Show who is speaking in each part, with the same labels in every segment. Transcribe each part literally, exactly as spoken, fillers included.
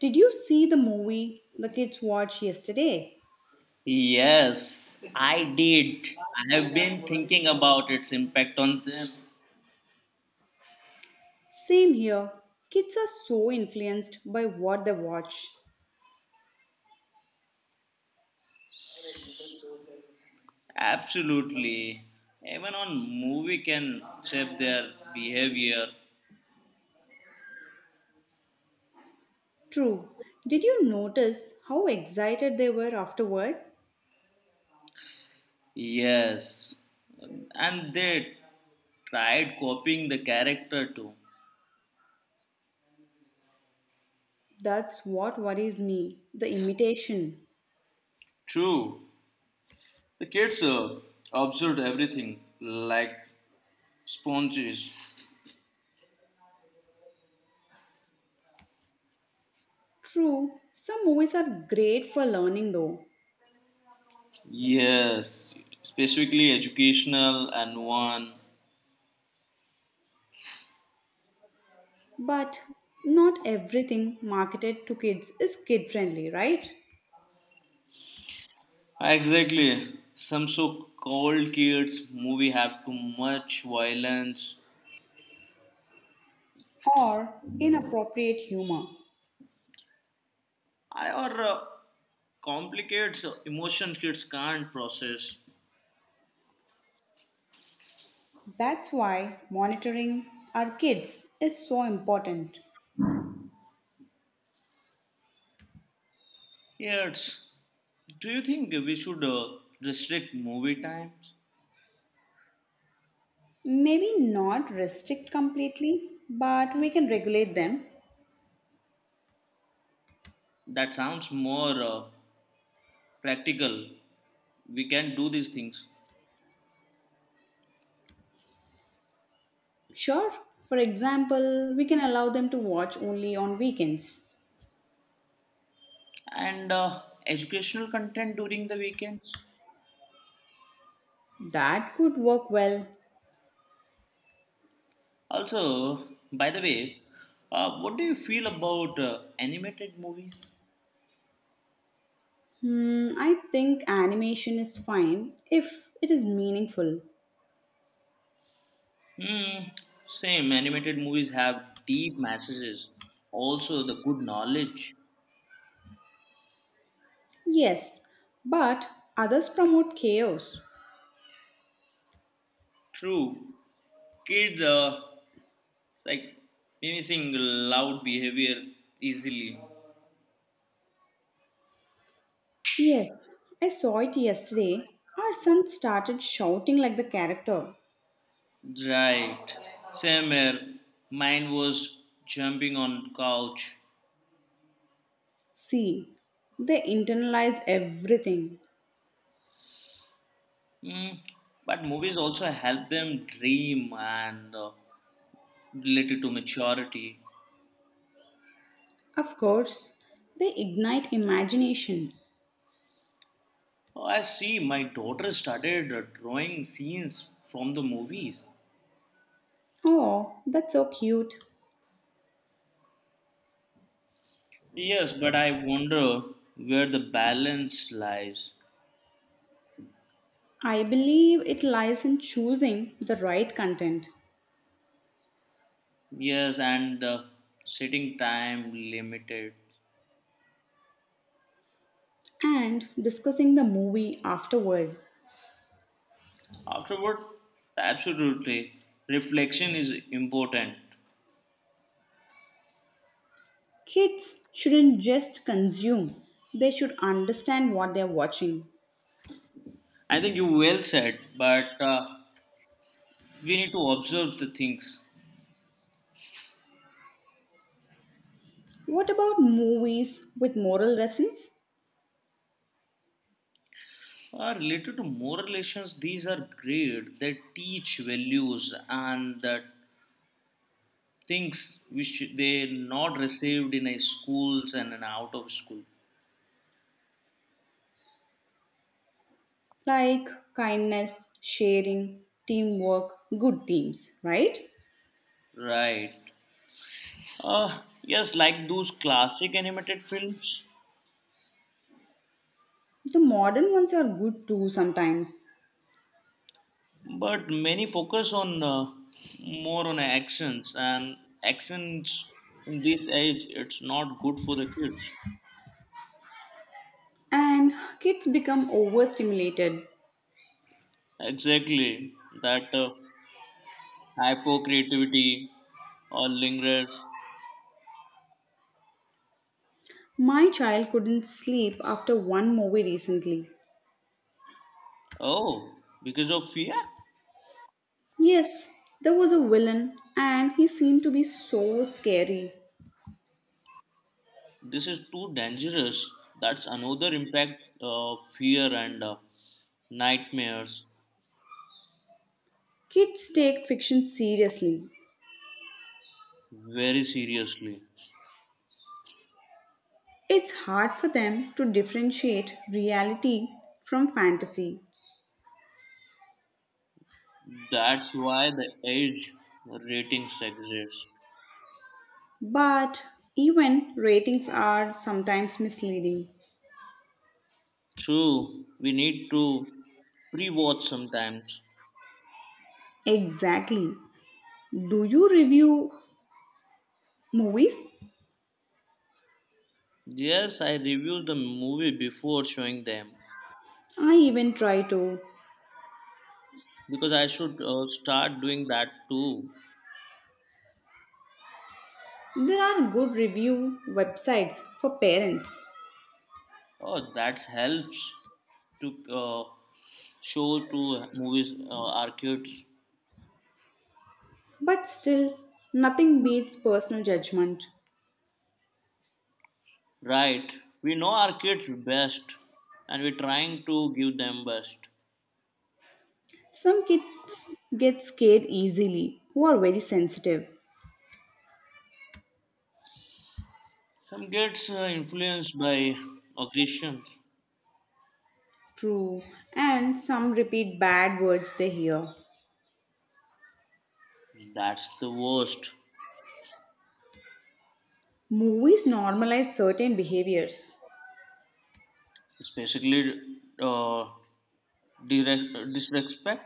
Speaker 1: Did you see the movie the kids watched yesterday?
Speaker 2: Yes, I did. I have been thinking about its impact on them.
Speaker 1: Same here. Kids are so influenced by what they watch.
Speaker 2: Absolutely. Even on movie can shape their behavior.
Speaker 1: True. Did you notice how excited they were afterward?
Speaker 2: Yes. And they tried copying the character too.
Speaker 1: That's what worries me, the imitation.
Speaker 2: True. The kids uh, observed everything like sponges.
Speaker 1: True, some movies are great for learning though,
Speaker 2: Yes. Specifically educational and one.
Speaker 1: but not everything marketed to kids is kid friendly, right?
Speaker 2: Exactly. Some so-called kids movie have too much violence.
Speaker 1: Or inappropriate humor.
Speaker 2: I- or uh, Complicates uh, emotions kids can't process.
Speaker 1: That's why monitoring our kids is so important.
Speaker 2: Yes. Do you think we should uh, restrict movie times?
Speaker 1: Maybe not restrict completely, but we can regulate them.
Speaker 2: That sounds more uh, practical. We can do these things.
Speaker 1: Sure, for example, we can allow them to watch only on weekends.
Speaker 2: And uh, educational content during the weekends.
Speaker 1: That could work well.
Speaker 2: Also, by the way, uh, what do you feel about uh, animated movies?
Speaker 1: Hmm, I think animation is fine if it is meaningful.
Speaker 2: Hmm. Same. Animated movies have deep messages. Also, the good knowledge.
Speaker 1: Yes, but others promote chaos.
Speaker 2: True. Kids, uh, it's like mimicking loud behavior easily.
Speaker 1: Yes, I saw it yesterday. Our son started shouting like the character.
Speaker 2: Right. Same here. Mine was jumping on couch.
Speaker 1: See, they internalize everything.
Speaker 2: Hmm. But movies also help them dream and, uh, related to maturity.
Speaker 1: Of course, they ignite imagination.
Speaker 2: Oh, I see. My daughter started uh, drawing scenes from the movies.
Speaker 1: Oh, that's so cute.
Speaker 2: Yes, but I wonder where the balance lies.
Speaker 1: I believe it lies in choosing the right content
Speaker 2: Yes, and the sitting time limited.
Speaker 1: and discussing the movie afterward.
Speaker 2: Afterward, absolutely, reflection is important.
Speaker 1: Kids shouldn't just consume, they should understand what they're watching.
Speaker 2: I think you well said, but uh, we need to observe the things.
Speaker 1: What about movies with moral lessons?
Speaker 2: Uh, related to moral relations, these are great. They teach values and that things which they not received in a schools and an out of school.
Speaker 1: Like kindness, sharing, teamwork, good themes, right?
Speaker 2: Right. Uh, yes, like those classic animated films,
Speaker 1: The modern ones are good too sometimes.
Speaker 2: but many focus on, uh, more on actions and actions in this age it's not good for the kids.
Speaker 1: And kids become overstimulated.
Speaker 2: Exactly that, uh, hypo creativity or lingers.
Speaker 1: My child couldn't sleep after one movie recently.
Speaker 2: Oh, because of fear?
Speaker 1: Yes, there was a villain and he seemed to be so scary.
Speaker 2: This is too dangerous. That's another impact of fear and, uh, nightmares
Speaker 1: Kids take fiction seriously.
Speaker 2: very seriously.
Speaker 1: It's hard for them to differentiate reality from fantasy.
Speaker 2: That's why the age ratings exist.
Speaker 1: But even ratings are sometimes misleading.
Speaker 2: True, we need to pre watch sometimes.
Speaker 1: Exactly. Do you review movies?
Speaker 2: Yes, I review the movie before showing them
Speaker 1: I even try to.
Speaker 2: because I should uh, start doing that too.
Speaker 1: There are good review websites for parents,
Speaker 2: Oh, that helps to, uh, show to movies, uh, our kids.
Speaker 1: but still, nothing beats personal judgment.
Speaker 2: Right, we know our kids best and we're trying to give them best.
Speaker 1: Some kids get scared easily who are very sensitive.
Speaker 2: Some kids are influenced by aggressions.
Speaker 1: True, and some repeat bad words they hear.
Speaker 2: That's the worst,
Speaker 1: Movies normalize certain behaviors.
Speaker 2: especially, uh, direct, disrespect,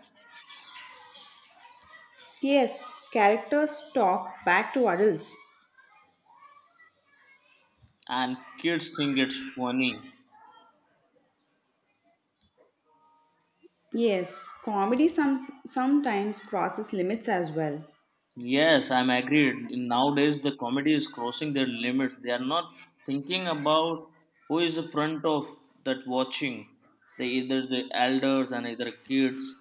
Speaker 1: Yes, characters talk back to adults.
Speaker 2: and kids think it's funny.
Speaker 1: Yes, comedy some, sometimes crosses limits as well.
Speaker 2: Yes, I'm agreed. Nowadays, the comedy is crossing their limits. They are not thinking about who is in front of that watching. They either the elders and either kids.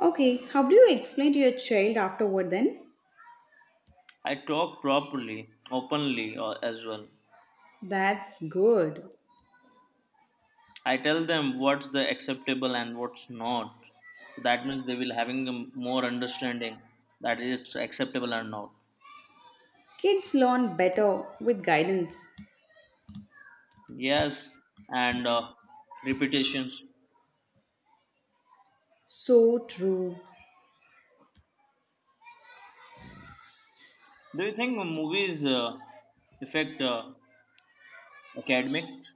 Speaker 1: Okay, how do you explain to your child afterward then?
Speaker 2: I talk properly, openly, or as well.
Speaker 1: That's good.
Speaker 2: I tell them what's the acceptable and what's not. So that means they will having a more understanding that it's acceptable or not.
Speaker 1: Kids learn better with guidance.
Speaker 2: Yes, and, uh, repetitions.
Speaker 1: So true.
Speaker 2: Do you think movies, uh, affect, uh, academics?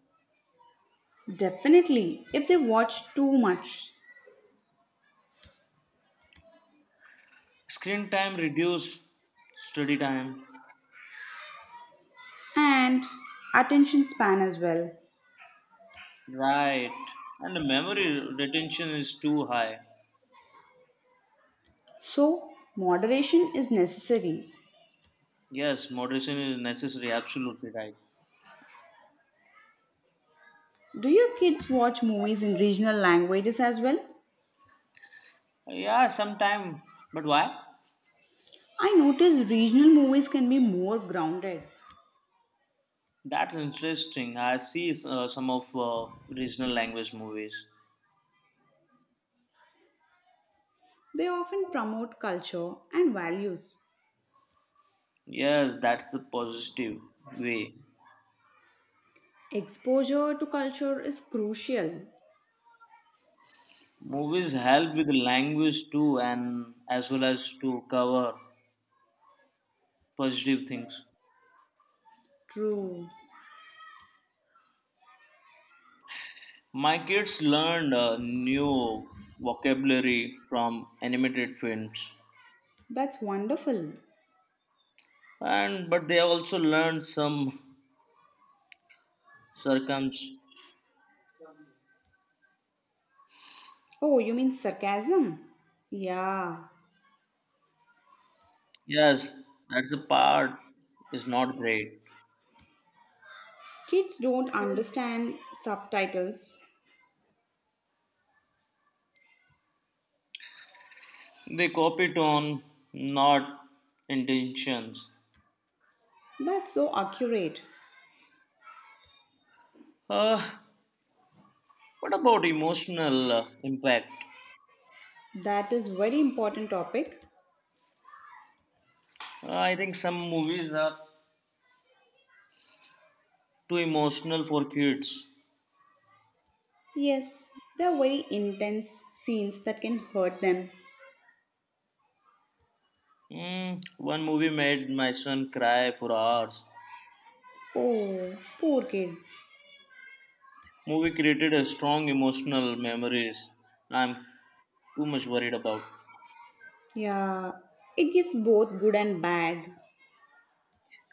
Speaker 1: Definitely, if they watch too much.
Speaker 2: Screen time reduce study time.
Speaker 1: And attention span as well.
Speaker 2: Right. And the memory retention is too high.
Speaker 1: So, moderation is necessary.
Speaker 2: Yes, moderation is necessary. Absolutely right.
Speaker 1: Do your kids watch movies in regional languages as well?
Speaker 2: Yeah, sometime. But why?
Speaker 1: I notice regional movies can be more grounded.
Speaker 2: That's interesting. I see, uh, some of, uh, regional language movies.
Speaker 1: They often promote culture and values.
Speaker 2: Yes, that's the positive way.
Speaker 1: Exposure to culture is crucial.
Speaker 2: Movies help with language too, and as well as to cover positive things.
Speaker 1: True.
Speaker 2: My kids learned, uh, new vocabulary from animated films,
Speaker 1: That's wonderful.
Speaker 2: and but they also learned some circums.
Speaker 1: Oh, you mean sarcasm? Yeah.
Speaker 2: Yes, that's the part is not great.
Speaker 1: Kids don't understand subtitles.
Speaker 2: They copy tone, not intentions.
Speaker 1: That's so accurate.
Speaker 2: Uh, what about emotional, uh, impact?
Speaker 1: That is very important topic.
Speaker 2: Uh, I think some movies are too emotional for kids.
Speaker 1: Yes, there are very intense scenes that can hurt them.
Speaker 2: Mm, one movie made my son cry for hours.
Speaker 1: Oh, poor kid.
Speaker 2: Movie created a strong emotional memories. I'm too much worried about.
Speaker 1: Yeah. It gives both good and bad.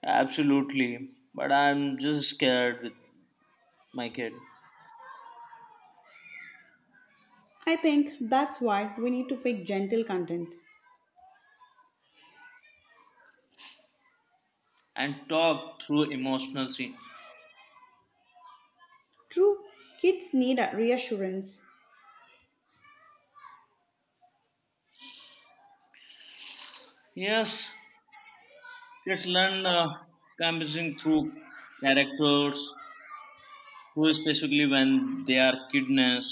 Speaker 2: Absolutely, but I'm just scared with my kid
Speaker 1: I think that's why we need to pick gentle content.
Speaker 2: and talk through emotional scenes.
Speaker 1: True, kids need a reassurance.
Speaker 2: Yes, kids learn, uh, canvassing through characters, who specifically when they are kidnapped.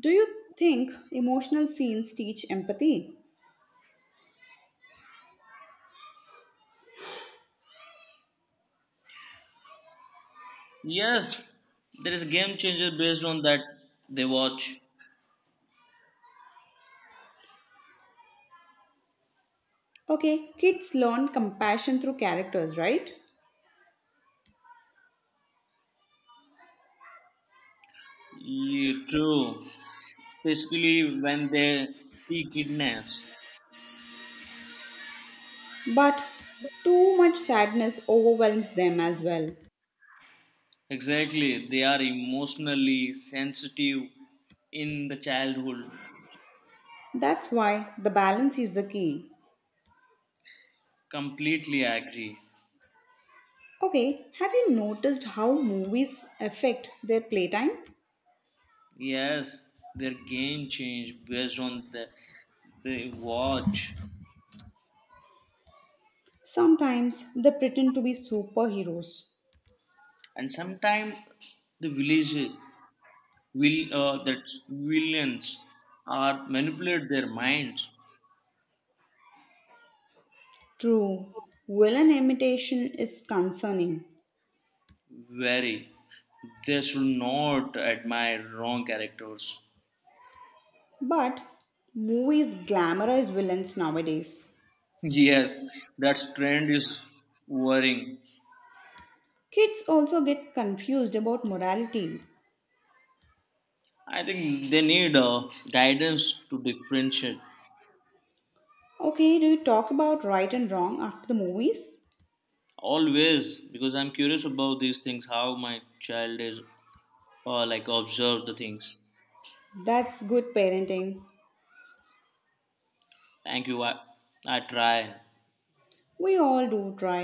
Speaker 1: Do you think emotional scenes teach empathy?
Speaker 2: Yes, there is a game changer based on that they watch.
Speaker 1: Okay, kids learn compassion through characters, right?
Speaker 2: Yeah, true. Especially when they see kidnaps.
Speaker 1: But too much sadness overwhelms them as well.
Speaker 2: Exactly, they are emotionally sensitive in the childhood.
Speaker 1: That's why the balance is the key.
Speaker 2: Completely agree.
Speaker 1: Okay, have you noticed how movies affect their playtime?
Speaker 2: Yes, their game change based on the they watch.
Speaker 1: Sometimes they pretend to be superheroes.
Speaker 2: And sometimes the village, will, uh, that villains are manipulate their minds
Speaker 1: True, villain imitation is concerning,
Speaker 2: very they should not admire wrong characters.
Speaker 1: but movies glamorize villains nowadays.
Speaker 2: Yes, that trend is worrying.
Speaker 1: Kids also get confused about morality.
Speaker 2: I think they need, uh, guidance to differentiate
Speaker 1: Okay, do you talk about right and wrong after the movies?
Speaker 2: always because I'm curious about these things how my child is, uh, like observe the things.
Speaker 1: That's good parenting.
Speaker 2: Thank you. i, I try.
Speaker 1: We all do try.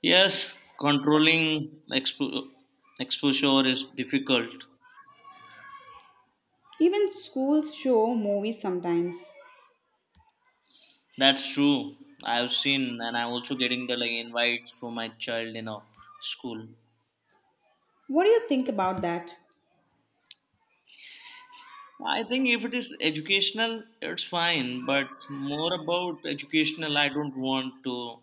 Speaker 2: Yes, controlling expo- exposure is difficult.
Speaker 1: Even schools show movies sometimes.
Speaker 2: That's true. I've seen, and I'm also getting the like invites from my child in a school.
Speaker 1: What do you think about that?
Speaker 2: I think if it is educational, it's fine. But more about educational, I don't want to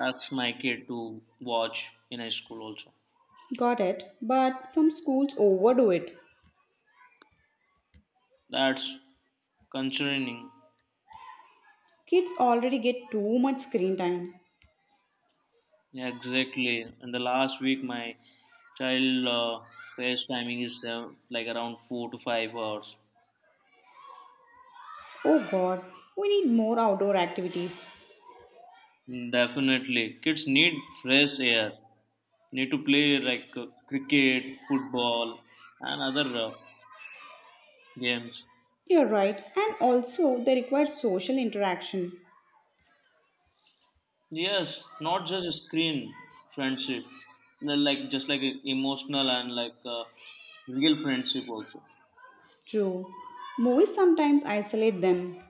Speaker 2: ask my kid to watch in a school. Also,
Speaker 1: Got it, but some schools overdo it.
Speaker 2: that's concerning.
Speaker 1: Kids already get too much screen time.
Speaker 2: Yeah, exactly. And the last week, my child, uh, face timing is, uh, like around four to five hours.
Speaker 1: Oh god, we need more outdoor activities.
Speaker 2: Definitely, kids need fresh air. Need to play like, uh, cricket, football, and other, uh, games.
Speaker 1: You're right, and also they require social interaction.
Speaker 2: Yes, not just screen friendship. They're like just like emotional and like, uh, real friendship also.
Speaker 1: True. Movies sometimes isolate them.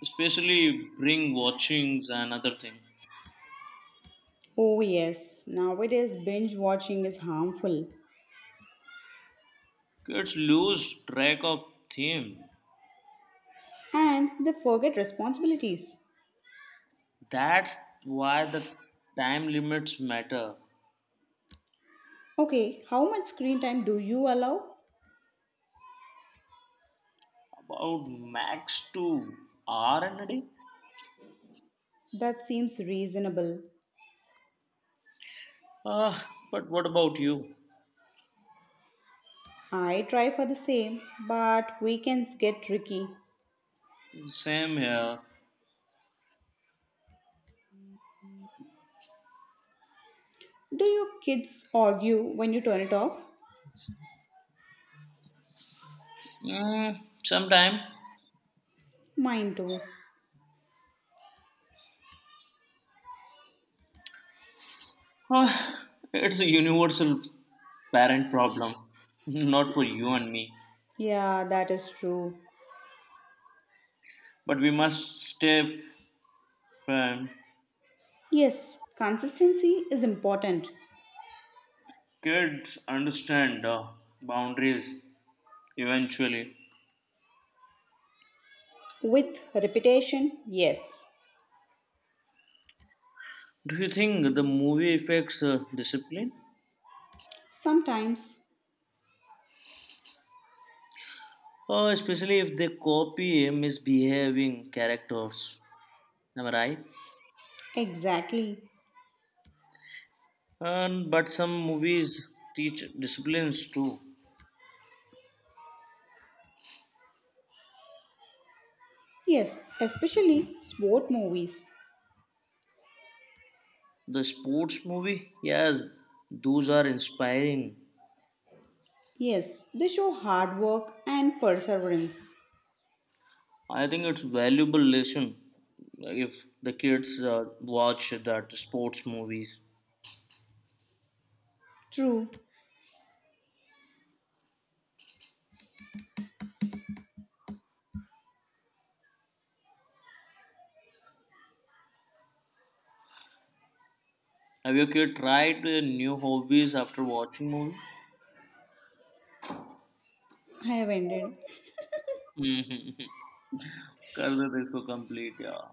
Speaker 2: Especially bring watchings and other thing.
Speaker 1: Oh, yes, nowadays binge watching is harmful
Speaker 2: Kids lose track of theme.
Speaker 1: and they forget responsibilities.
Speaker 2: That's why the time limits matter.
Speaker 1: Okay, how much screen time do you allow?
Speaker 2: About max two hour and a day.
Speaker 1: That seems reasonable.
Speaker 2: Ah, but what about you?
Speaker 1: I try for the same, but weekends get tricky.
Speaker 2: Same here.
Speaker 1: Do your kids argue when you turn it off?
Speaker 2: Mm, sometime.
Speaker 1: Mine too.
Speaker 2: Ah, it's a universal parent problem. Not for you and me.
Speaker 1: Yeah, that is true.
Speaker 2: But we must stay firm.
Speaker 1: Yes, consistency is important.
Speaker 2: Kids understand, uh, boundaries eventually.
Speaker 1: With repetition, yes.
Speaker 2: Do you think the movie affects, uh, discipline?
Speaker 1: Sometimes,
Speaker 2: Oh, especially if they copy misbehaving characters. Am I right?
Speaker 1: exactly.
Speaker 2: And but some movies teach disciplines too.
Speaker 1: Yes, especially sport movies.
Speaker 2: The sports movie, yes, those are inspiring.
Speaker 1: Yes, they show hard work and perseverance.
Speaker 2: I think it's valuable lesson like, if the kids, uh, watch that sports movies.
Speaker 1: True,
Speaker 2: Have your kid tried, uh, new hobbies after watching movie?
Speaker 1: I have ended.
Speaker 2: कर देते इसको complete यार